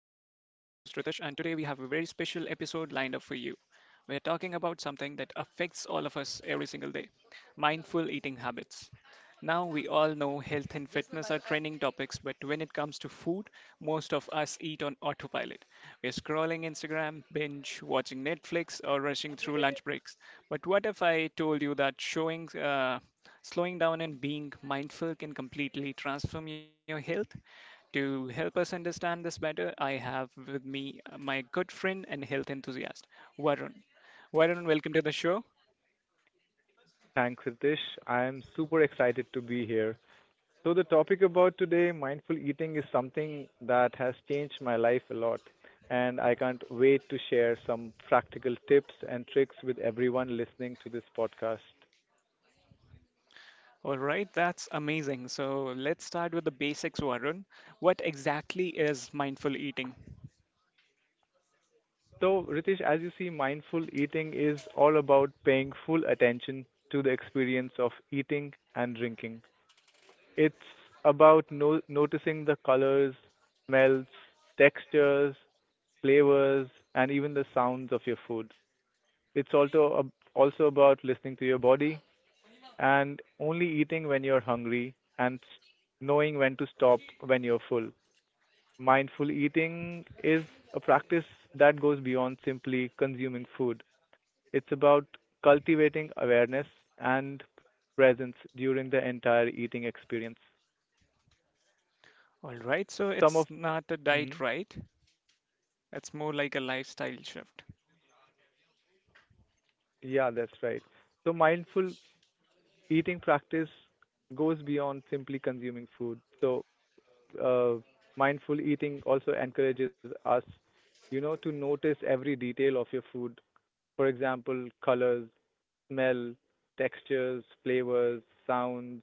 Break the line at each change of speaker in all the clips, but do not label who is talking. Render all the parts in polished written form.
Ritesh, and today we have a very special episode lined up for you. We're talking about something that affects all of us every single day mindful eating habits. Now, we all know health and fitness are trending topics, but when it comes to food, most of us eat on autopilot. We're scrolling Instagram, binge, watching Netflix, or rushing through lunch breaks. But what if I told you that showing slowing down and being mindful can completely transform your health. To help us understand this better, I have with me my good friend and health enthusiast, Varun. Varun, welcome to the show.
Thanks, Ritesh. I am super excited to be here. So, the topic about today, mindful eating, is something that has changed my life a lot. And I can't wait to share some practical tips and tricks with everyone listening to this podcast.
All right, that's amazing. So let's start with the basics, Varun. What exactly is mindful eating?
So, Ritesh, as you see, mindful eating is all about paying full attention to the experience of eating and drinking. It's about noticing the colors, smells, textures, flavors, and even the sounds of your food. It's also also about listening to your body and only eating when you're hungry knowing when to stop when you're full. Mindful eating is a practice that goes beyond simply consuming food. It's about cultivating awareness and presence during the entire eating experience.
All right, so
Some
it's
of
not a diet,
Mhm.
right? It's more like a lifestyle shift.
Yeah, that's right. So mindful eating practice goes beyond simply consuming food. So, uh, mindful eating also encourages us, to notice every detail of your food. For example, colors, smell, textures, flavors, sounds.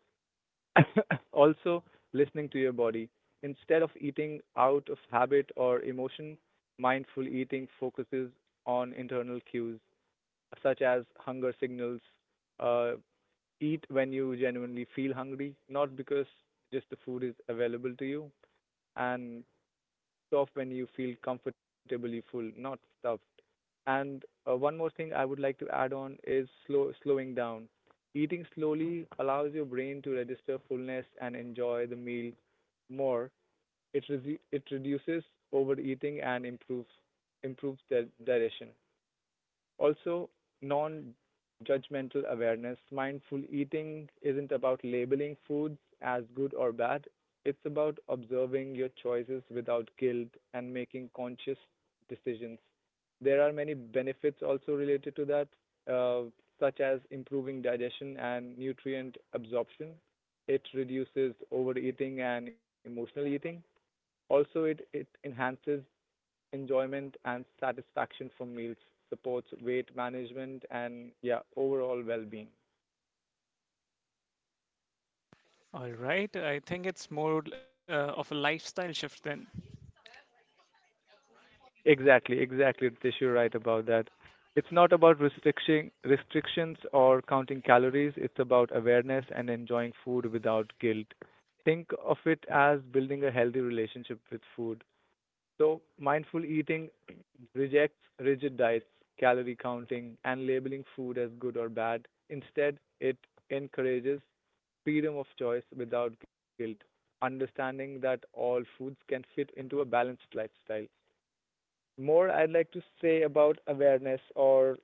Also, listening to your body. Instead of eating out of habit or emotion, mindful eating focuses on internal cues such as hunger signals. uh, Eat when you genuinely feel hungry, not because just the food is available to you, and stop when you feel comfortably full, not stuffed. And one more thing I would like to add on is slowing down. Eating slowly allows your brain to register fullness and enjoy the meal more. It reduces overeating and improves digestion. Also, non judgmental awareness. Mindful eating isn't about labeling foods as good or bad, it's about observing your choices without guilt and making conscious decisions. There are many benefits also related to that, uh, such as improving digestion and nutrient absorption. It reduces overeating and emotional eating. Also, it enhances enjoyment and satisfaction from meals, supports weight management and, yeah, overall well-being.
All right, I think it's more of a lifestyle shift then.
Exactly, exactly, Ritesh, you're right about that. It's not about restrictions or counting calories. It's about awareness and enjoying food without guilt. Think of it as building a healthy relationship with food. So mindful eating rejects rigid diets, calorie counting, and labeling food as good or bad. Instead, it encourages freedom of choice without guilt, understanding that all foods can fit into a balanced lifestyle. More, I'd like to say about awareness or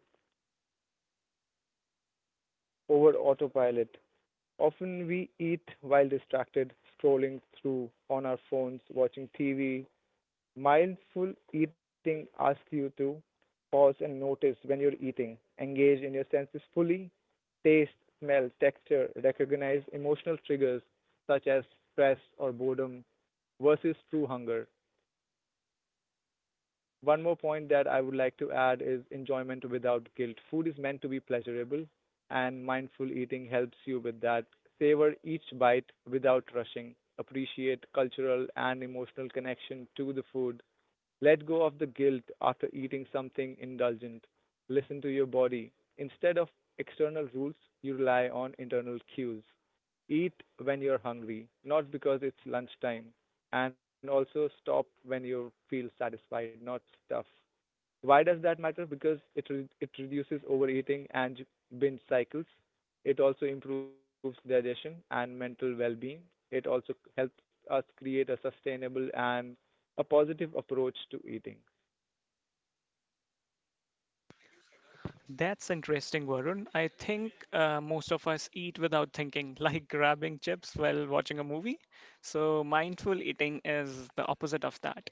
over autopilot. Often we eat while distracted, scrolling through on our phones, watching TV. Mindful eating asks you to pause and notice when you're eating, engage in your senses fully, taste, smell, texture, recognize emotional triggers such as stress or boredom, versus true hunger. One more point that I would like to add is enjoyment without guilt. Food is meant to be pleasurable, and mindful eating helps you with that. Savor each bite without rushing. Appreciate cultural and emotional connection to the food. Let go of the guilt after eating something indulgent. Listen to your body. Instead of external rules, you rely on internal cues. Eat when you're hungry, not because it's lunchtime, and also stop when you feel satisfied, not stuff. Why does that matter? Because it reduces overeating and binge cycles. It also improves digestion and mental well-being. It also helps us create a sustainable and a positive approach to eating.
That's interesting, Varun. I think most of us eat without thinking, like grabbing chips while watching a movie. So mindful eating is the opposite of that.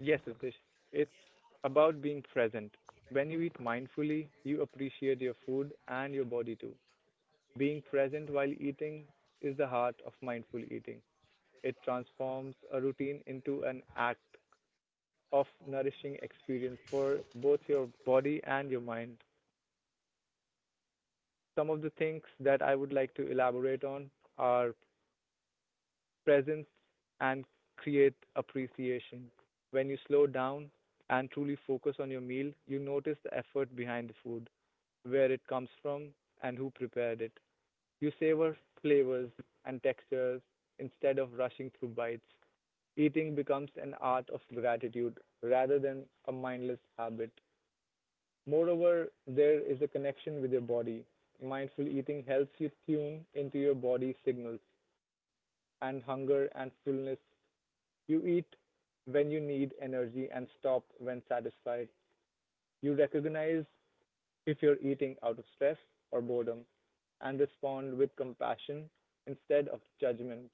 Yes, Ritesh. It's about being present. When you eat mindfully, you appreciate your food and your body too. Being present while eating is the heart of mindful eating. It transforms a routine into an act of nourishing experience for both your body and your mind. Some of the things that I would like to elaborate on are presence and create appreciation. When you slow down and truly focus on your meal, you notice the effort behind the food, where it comes from, and who prepared it. You savor flavors and textures instead of rushing through bites. Eating becomes an art of gratitude rather than a mindless habit. Moreover, there is a connection with your body. Mindful eating helps you tune into your body signals and hunger and fullness. You eat when you need energy and stop when satisfied. You recognize if you're eating out of stress or boredom and respond with compassion instead of judgment.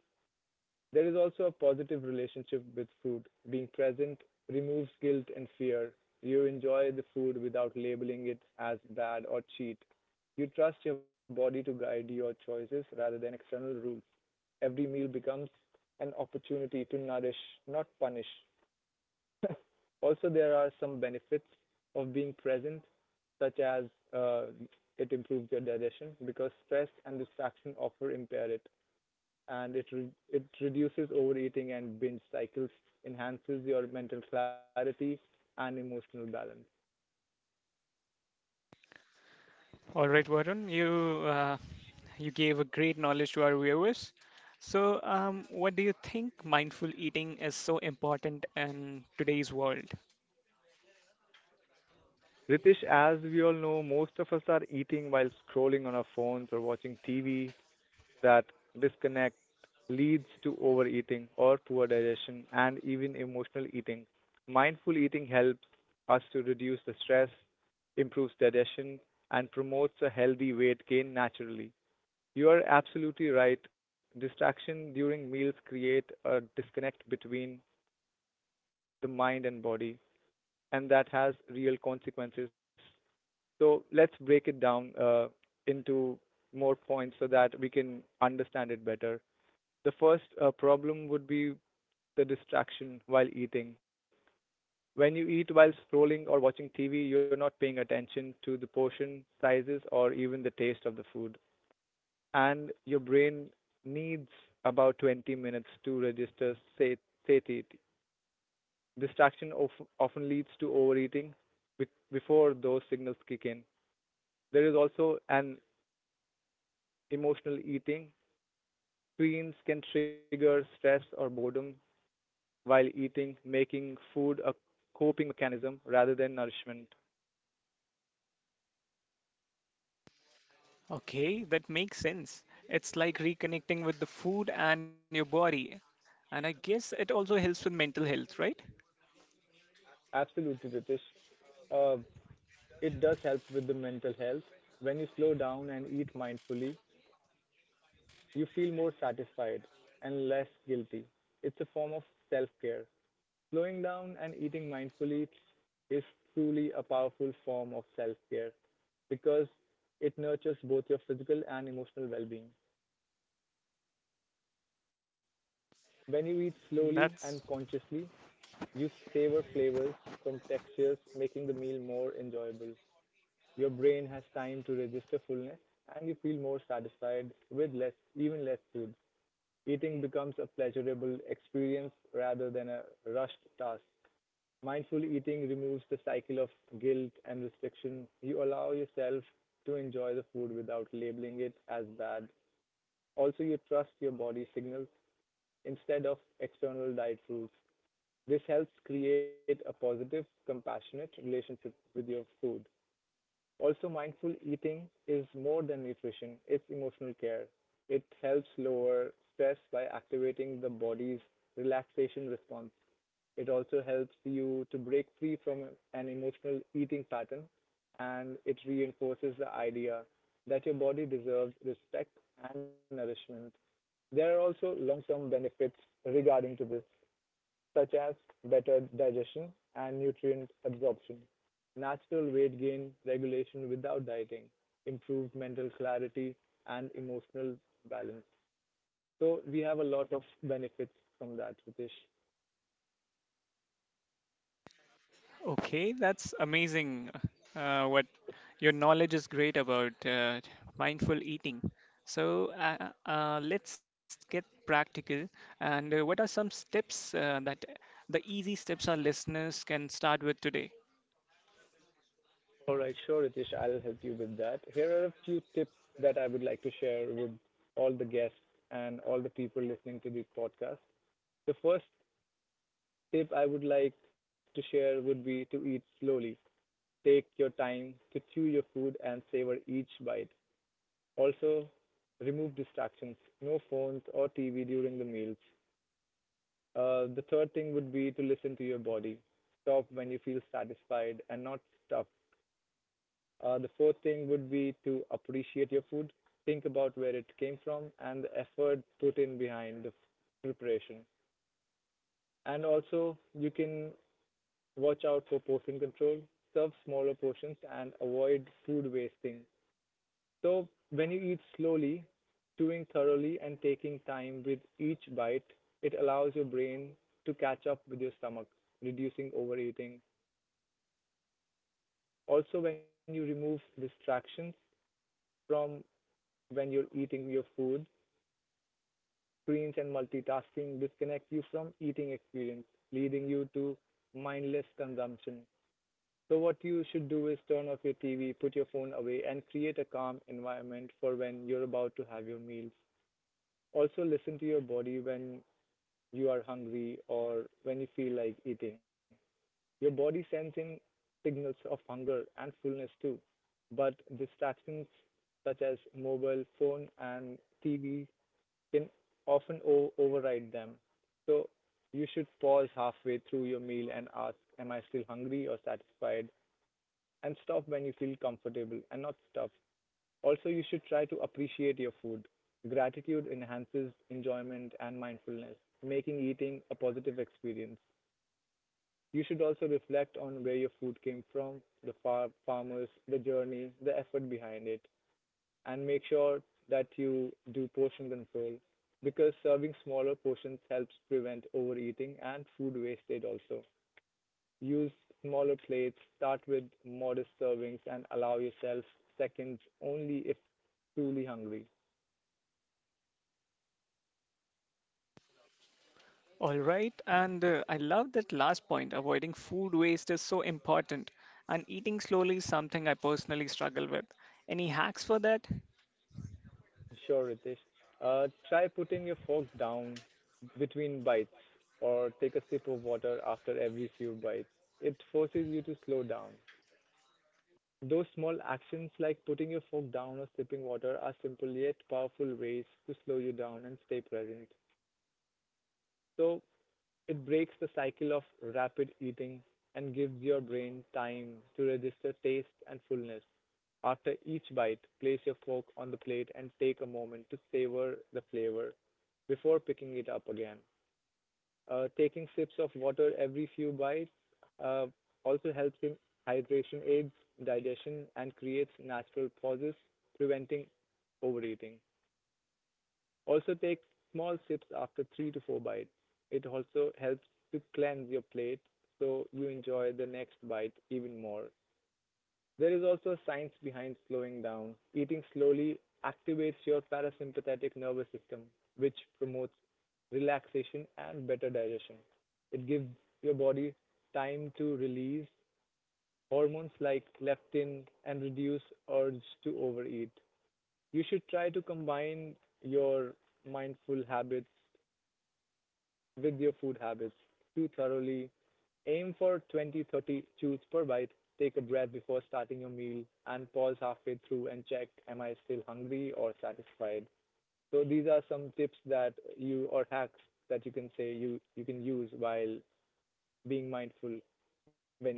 There is also a positive relationship with food. Being present removes guilt and fear. You enjoy the food without labeling it as bad or cheat. You trust your body to guide your choices rather than external rules. Every meal becomes an opportunity to nourish, not punish. Also, there are some benefits of being present, such as, uh, it improves your digestion because stress and distraction often impair it, and it reduces overeating and binge cycles, enhances your mental clarity and emotional balance.
All right, Varun, you gave a great knowledge to our viewers. So, what do you think mindful eating is so important in today's world?
Ritesh, as we all know, most of us are eating while scrolling on our phones or watching TV. That disconnect leads to overeating or poor digestion and even emotional eating. Mindful eating helps us to reduce the stress, improves digestion, and promotes a healthy weight gain naturally. You are absolutely right. Distraction during meals create a disconnect between the mind and body, and that has real consequences. So let's break it down, into more points so that we can understand it better. The first, problem would be the distraction while eating. When you eat while scrolling or watching TV, you're not paying attention to the portion sizes or even the taste of the food. And your brain needs about 20 minutes to register satiety. Distraction often leads to overeating before those signals kick in. There is also an emotional eating. Screens can trigger stress or boredom while eating, making food a coping mechanism rather than nourishment.
Okay, that makes sense. It's like reconnecting with the food and your body. And I guess it also helps with mental health, right?
Absolutely, Ritesh. Uh, it does help with the mental health. When you slow down and eat mindfully, you feel more satisfied and less guilty. It's a form of self care. Slowing down and eating mindfully is truly a powerful form of self care because it nurtures both your physical and emotional well being. When you eat
That's
slowly and consciously, you savor flavors from textures, making the meal more enjoyable. Your brain has time to register fullness, and you feel more satisfied with less, even less food. Eating becomes a pleasurable experience rather than a rushed task. Mindful eating removes the cycle of guilt and restriction. You allow yourself to enjoy the food without labeling it as bad. Also, you trust your body signals instead of external diet rules. This helps create a positive, compassionate relationship with your food. Also, mindful eating is more than nutrition, it's emotional care. It helps lower stress by activating the body's relaxation response. It also helps you to break free from an emotional eating pattern and it reinforces the idea that your body deserves respect and nourishment. There are also long-term benefits regarding to this, such as better digestion and nutrient absorption, natural weight gain regulation without dieting, improved mental clarity, and emotional balance. So we have a lot of benefits from that, Ritesh.
okay, that's amazing. What your knowledge is great about mindful eating. So let's get practical. And what are some steps that the easy steps our listeners can start with today?
All right, sure, Ritesh, I'll help you with that. Here are a few tips that I would like to share with all the guests and all the people listening to this podcast. The first tip I would like to share would be to eat slowly. Take your time to chew your food and savor each bite. Also, remove distractions, no phones or TV during the meals. The third thing would be to listen to your body. Stop when you feel satisfied and not stuffed. The fourth thing would be to appreciate your food, think about where it came from, and the effort put in behind the preparation. And also, you can watch out for portion control, serve smaller portions, and avoid food wasting. So when you eat slowly, chewing thoroughly and taking time with each bite, it allows your brain to catch up with your stomach, reducing overeating. Also, when you remove distractions from when you're eating your food, screens and multitasking disconnect you from eating experience, leading you to mindless consumption. So what you should do is turn off your TV, put your phone away, and create a calm environment for when you're about to have your meals. Also, listen to your body when you are hungry or when you feel like eating. Your body sends in signals of hunger and fullness too, but distractions such as mobile phone and TV can override them. So you should pause halfway through your meal and ask, "Am I still hungry or satisfied?" And stop when you feel comfortable and not stuffed. Also, you should try to appreciate your food. Gratitude enhances enjoyment and mindfulness, making eating a positive experience. You should also reflect on where your food came from, the farmers, the journey, the effort behind it, and make sure that you do portion control because serving smaller portions helps prevent overeating and food wastage also. Use smaller plates, start with modest servings, and allow yourself seconds only if truly hungry.
All right. And I love that last point. Avoiding food waste is so important. And eating slowly is something I personally struggle with. Any hacks for that?
Sure, Ritesh. Try putting your fork down between bites or take a sip of water after every few bites. It forces you to slow down. Those small actions like putting your fork down or sipping water are simple yet powerful ways to slow you down and stay present. So It breaks the cycle of rapid eating and gives your brain time to register taste and fullness. After each bite, place your fork on the plate and take a moment to savor the flavor before picking it up again. Taking sips of water every few bites uh, also helps in hydration, aids digestion, and creates natural pauses, preventing overeating. Also take small sips after three to four bites. It also helps to cleanse your plate so you enjoy the next bite even more. There is also a science behind slowing down. Eating slowly activates your parasympathetic nervous system, which promotes relaxation and better digestion. It gives your body time to release hormones like leptin and reduce urge to overeat. You should try to combine your mindful habits with your food habits too thoroughly. Aim for 20 to 30 chews per bite. Take a breath before starting your meal and pause halfway through and check, am I still hungry or satisfied? So these are some tips that you or hacks that you can say you can use while being mindful when you eat.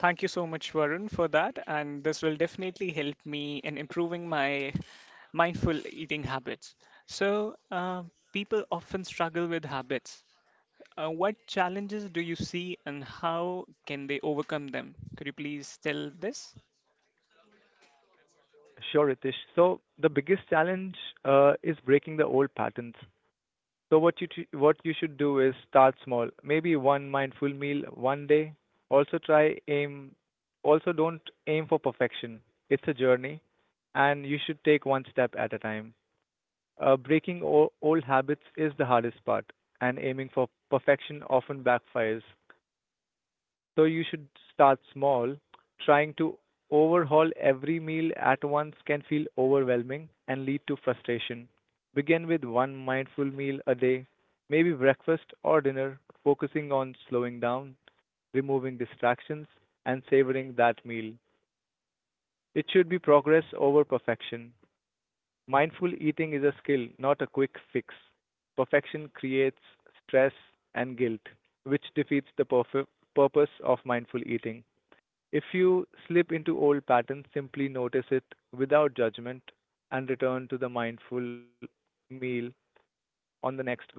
Thank you so much, Varun, for that. And this will definitely help me in improving my mindful eating habits. So, people often struggle with habits. What challenges do you see and how can they overcome them? Could you please tell this?
Sure, Ritesh. So the biggest challenge is breaking the old patterns. So what what you should do is start small. Maybe one mindful meal one day. Also try aim also don't aim for perfection. It's a journey and you should take one step at a time. Breaking old habits is the hardest part and aiming for perfection often backfires. So you should start small. Trying to overhaul every meal at once can feel overwhelming and lead to frustration. Begin with one mindful meal a day, maybe breakfast or dinner, focusing on slowing down, removing distractions, and savoring that meal. It should be progress over perfection. Mindful eating is a skill, not a quick fix. Perfection creates stress and guilt, which defeats the purpose of mindful eating. If you slip into old patterns, simply notice it without judgment and return to the mindful meal on the next go.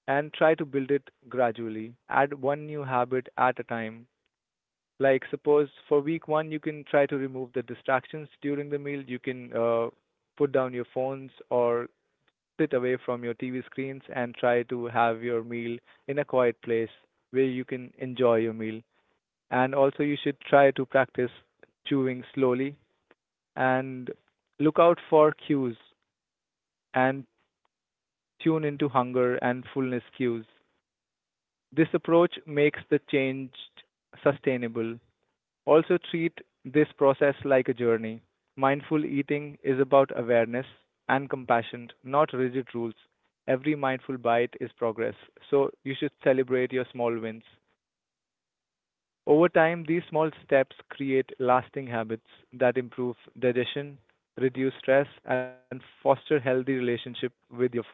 And try to build it gradually. Add one new habit at a time. Like, suppose for week one, you can try to remove the distractions during the meal. You can put down your phones or sit away from your TV screens and try to have your meal in a quiet place where you can enjoy your meal. And also, you should try to practice chewing slowly and look out for cues and tune into hunger and fullness cues. This approach makes the change sustainable. Also, treat this process like a journey. Mindful eating is about awareness and compassion, not rigid rules. Every mindful bite is progress, so you should celebrate your small wins. Over time, these small steps create lasting habits that improve digestion, reduce stress, and foster healthy relationship with your food.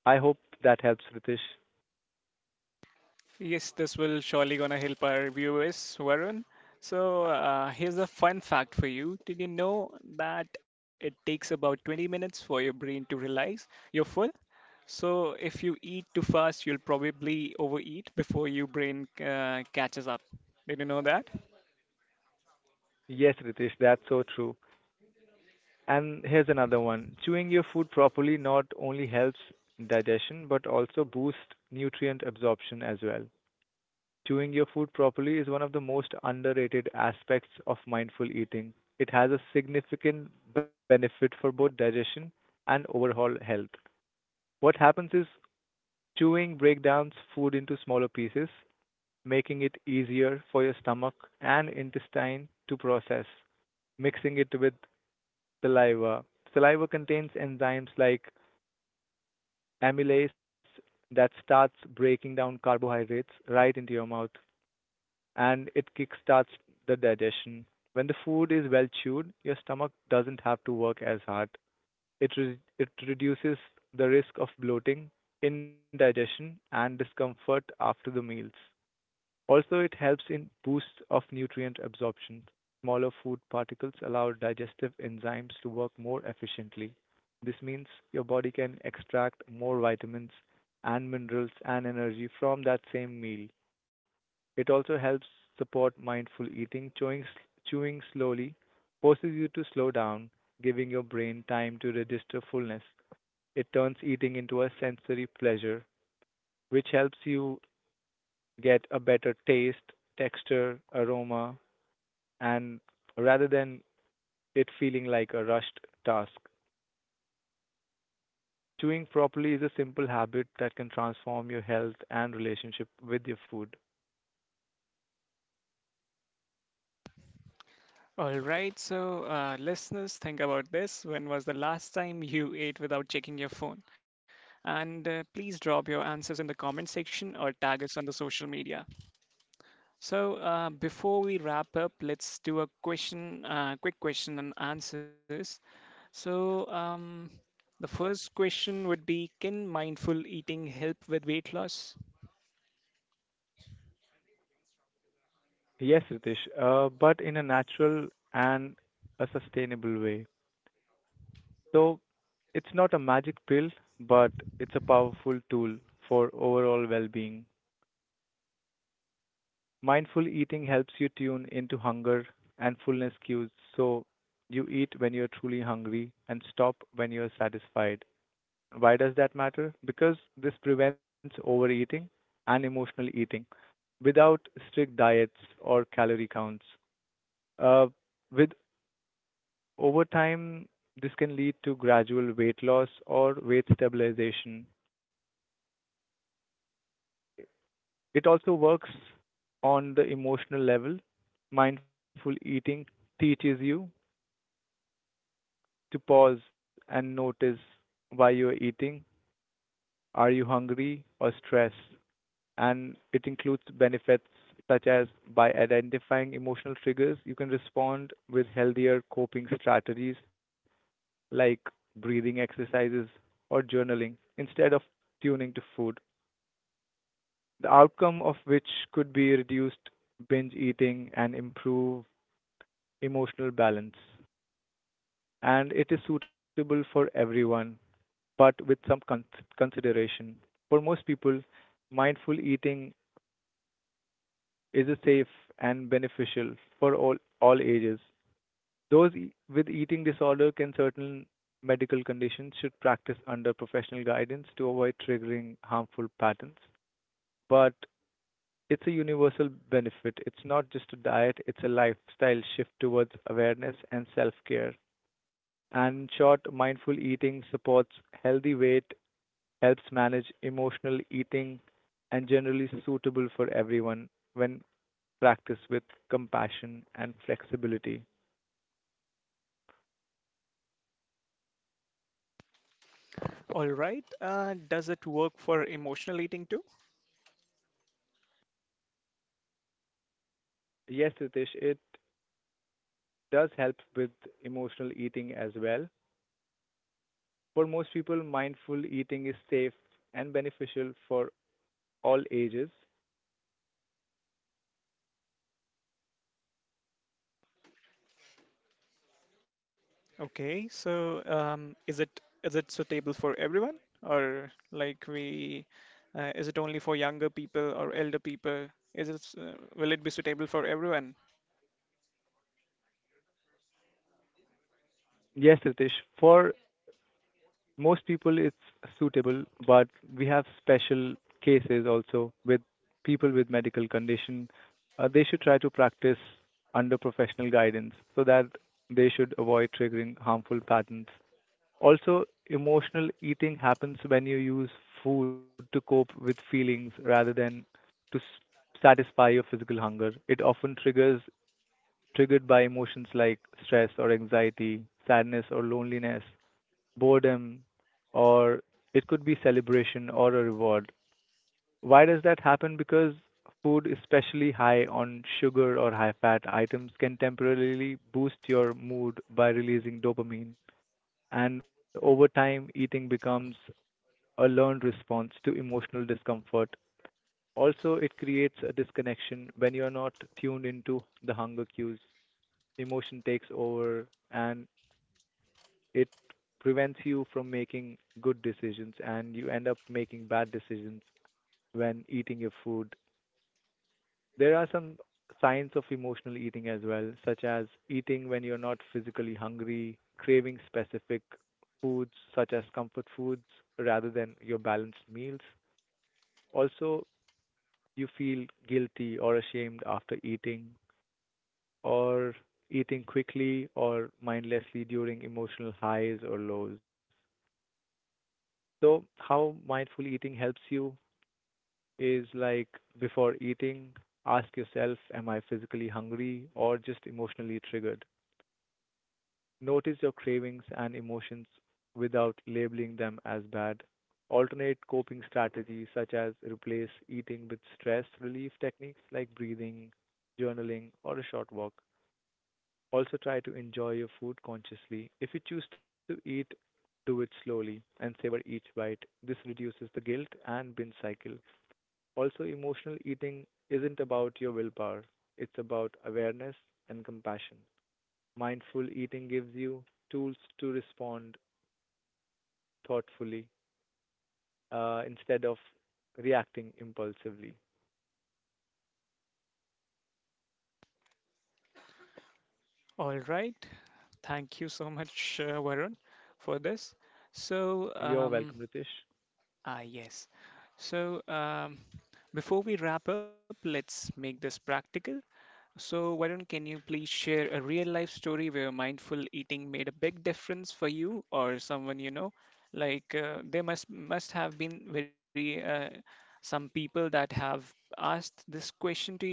I hope that helps, Ritesh.
Yes, this will surely gonna help our viewers, Varun. So here's a fun fact for you. Did you know that it takes about 20 minutes for your brain to realize you're full? So if you eat too fast, you'll probably overeat before your brain catches up. Did you know that?
Yes, Ritesh, that's so true. And here's another one. Chewing your food properly not only helps digestion but also boosts nutrient absorption as well. Chewing your food properly is one of the most underrated aspects of mindful eating. It has a significant benefit for both digestion and overall health. What happens is chewing breaks down food into smaller pieces, making it easier for your stomach and intestine to process. Mixing it with saliva. Saliva contains enzymes like amylase that starts breaking down carbohydrates right into your mouth and it kickstarts the digestion. When the food is well chewed, your stomach doesn't have to work as hard. It reduces the risk of bloating, indigestion, and discomfort after the meals. Also, it helps in boost of nutrient absorption. Smaller food particles allow digestive enzymes to work more efficiently. This means your body can extract more vitamins and minerals and energy from that same meal. It also helps support mindful eating. Chewing, chewing slowly forces you to slow down, giving your brain time to register fullness. It turns eating into a sensory pleasure, which helps you get a better taste, texture, aroma, and rather than it feeling like a rushed task. Chewing properly is a simple habit that can transform your health and relationship with your food.
All right, so listeners, think about this. When was the last time you ate without checking your phone? And please drop your answers in the comment section or tag us on the social media. So before we wrap up, let's do a question, quick question and answers. So the first question would be, can mindful eating help with weight loss?
Yes, Ritesh, but in a natural and a sustainable way. So it's not a magic pill, but it's a powerful tool for overall well being. Mindful eating helps you tune into hunger and fullness cues, so you eat when you're truly hungry and stop when you're satisfied. Why does that matter? Because this prevents overeating and emotional eating without strict diets or calorie counts. Uh, with over time, this can lead to gradual weight loss or weight stabilization. It also works on the emotional level. Mindful eating teaches you to pause and notice why you're eating. Are you hungry or stressed? And it includes benefits such as by identifying emotional triggers, you can respond with healthier coping strategies like breathing exercises or journaling instead of tuning to food. The outcome of which could be reduced binge eating and improve emotional balance. And it is suitable for everyone but with some consideration. For most people, mindful eating is a safe and beneficial for all ages. Those with eating disorder can certain medical conditions should practice under professional guidance to avoid triggering harmful patterns. But it's a universal benefit. It's not just a diet, it's a lifestyle shift towards awareness and self care. And in short, mindful eating supports healthy weight helps manage emotional eating and generally suitable for everyone when practiced with compassion and flexibility.
All right. Does it work for emotional eating too?
Yes, Ritesh, it does help with emotional eating as well. For most people, mindful eating is safe and beneficial for all ages.
Okay. So, is it suitable for everyone, or is it only for younger people or elder people? Will it be suitable for everyone?
Yes, Ritesh, for most people it's suitable, but we have special cases also with people with medical condition. They should try to practice under professional guidance so that they should avoid triggering harmful patterns. Also, emotional eating happens when you use food to cope with feelings rather than to s- satisfy your physical hunger. It often triggers triggered by emotions like stress or anxiety, sadness or loneliness boredom, or it could be celebration or a reward. Why does that happen? Because food, especially high on sugar or high fat items, can temporarily boost your mood by releasing dopamine. And over time, eating becomes a learned response to emotional discomfort. Also, it creates a disconnection when you're not tuned into the hunger cues. Emotion takes over and it prevents you from making good decisions and you end up making bad decisions when eating your food. There are some signs of emotional eating as well, such as eating when you're not physically hungry, craving specific foods such as comfort foods rather than your balanced meals. Also, you feel guilty or ashamed after eating, or eating quickly or mindlessly during emotional highs or lows. So, how mindful eating helps you is like before eating, ask yourself, am I physically hungry or just emotionally triggered? Notice your cravings and emotions without labeling them as bad. Alternate coping strategies such as replace eating with stress relief techniques like breathing, journaling, or a short walk. Also, try to enjoy your food consciously. If you choose to eat, do it slowly and savor each bite. This reduces the guilt and binge cycle. Also, emotional eating isn't about your willpower, it's about awareness and compassion. Mindful eating gives you tools to respond thoughtfully instead of reacting impulsively.
All right. Thank you so much, Varun, for this. So,
You're welcome, Ritesh.
yes. So, before we wrap up, let's make this practical. So, Varun, can you please share a real life story where mindful eating made a big difference for you or someone you know? Like there must have been very some people that have asked this question to you.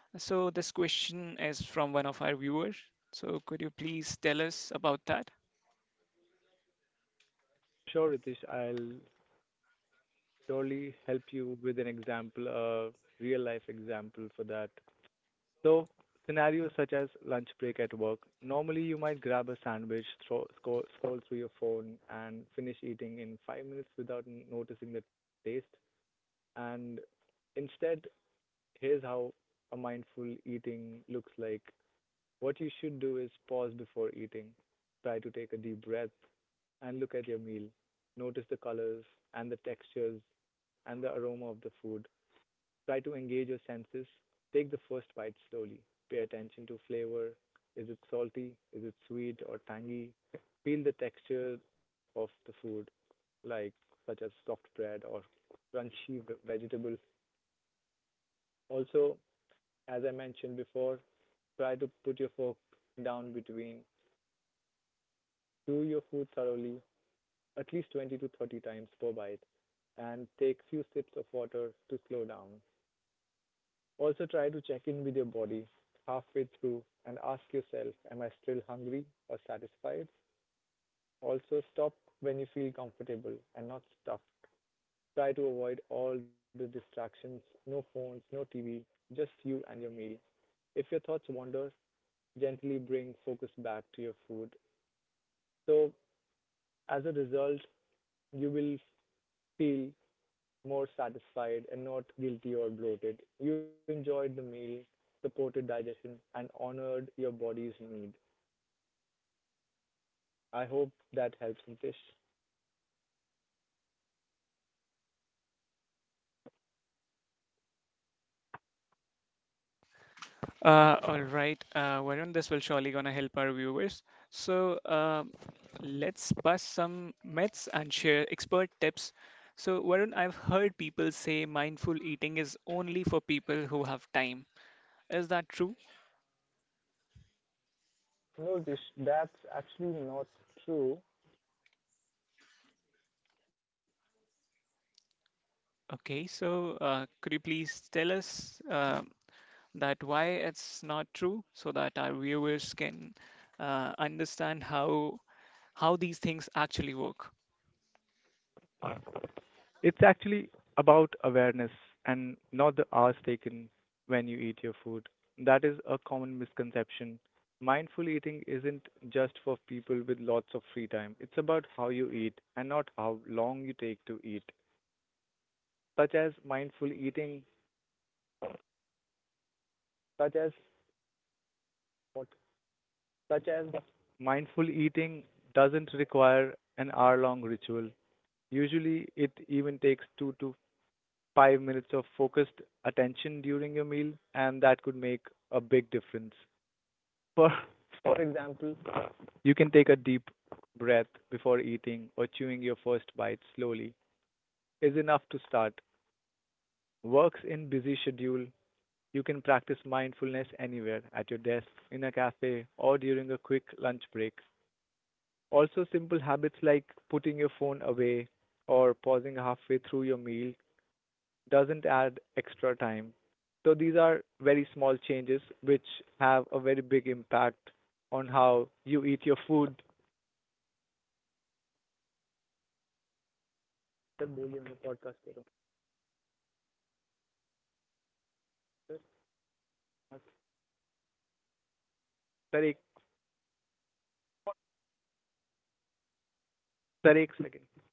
So this question is from one of our viewers. So could you please tell us about that?
Sure, Ritesh, I'll surely help you with an example, a real life example for that. So, scenarios such as lunch break at work, normally you might grab a sandwich, throw, scroll through your phone, and finish eating in 5 minutes without noticing the taste. And instead, here's how a mindful eating looks like. What you should do is pause before eating, try to take a deep breath, and look at your meal. Notice the colors and the textures and the aroma of the food. Try to engage your senses. Take the first bite slowly. Pay attention to flavor. Is it salty? Is it sweet or tangy? Feel the texture of the food, like such as soft bread or crunchy vegetables. Also, as I mentioned before, try to put your fork down between. Chew your food thoroughly, at least 20 to 30 times per bite, and take few sips of water to slow down. Also, try to check in with your body halfway through and ask yourself, am I still hungry or satisfied? Also, stop when you feel comfortable and not stuffed. Try to avoid all the distractions no phones, no TV, just you and your meal. If your thoughts wander, gently bring focus back to your food. So, as a result, you will feel more satisfied and not guilty or bloated. You enjoyed the meal, supported digestion, and honored your body's need. I hope that helps, Nitish.
All right, Varun, this will surely gonna help our viewers. So let's bust some myths and share expert tips. So Varun, I've heard people say mindful eating is only for people who have time. Is that true?
No, Dish, that's actually not true.
Okay, so could you please tell us that why it's not true, so that our viewers can understand how these things actually work?
It's actually about awareness and not the hours taken when you eat your food. That is a common misconception. Mindful eating isn't just for people with lots of free time. It's about how you eat and not how long you take to eat. Such as mindful eating, such as what? Such as mindful eating doesn't require an hour long ritual. Usually, it even takes 2 to 5 minutes of focused attention during your meal, and that could make a big difference. For for example, you can take a deep breath before eating or chewing your first bite slowly is enough to start. Works in busy schedule. You can practice mindfulness anywhere at your desk, in a cafe, or during a quick lunch break. Also, simple habits like putting your phone away or pausing halfway through your meal doesn't add extra time. So, these are very small changes which have a very big impact on how you eat your food. Sir बोलिए मैं podcast पे हूँ sir हाँ, sir एक sir एक second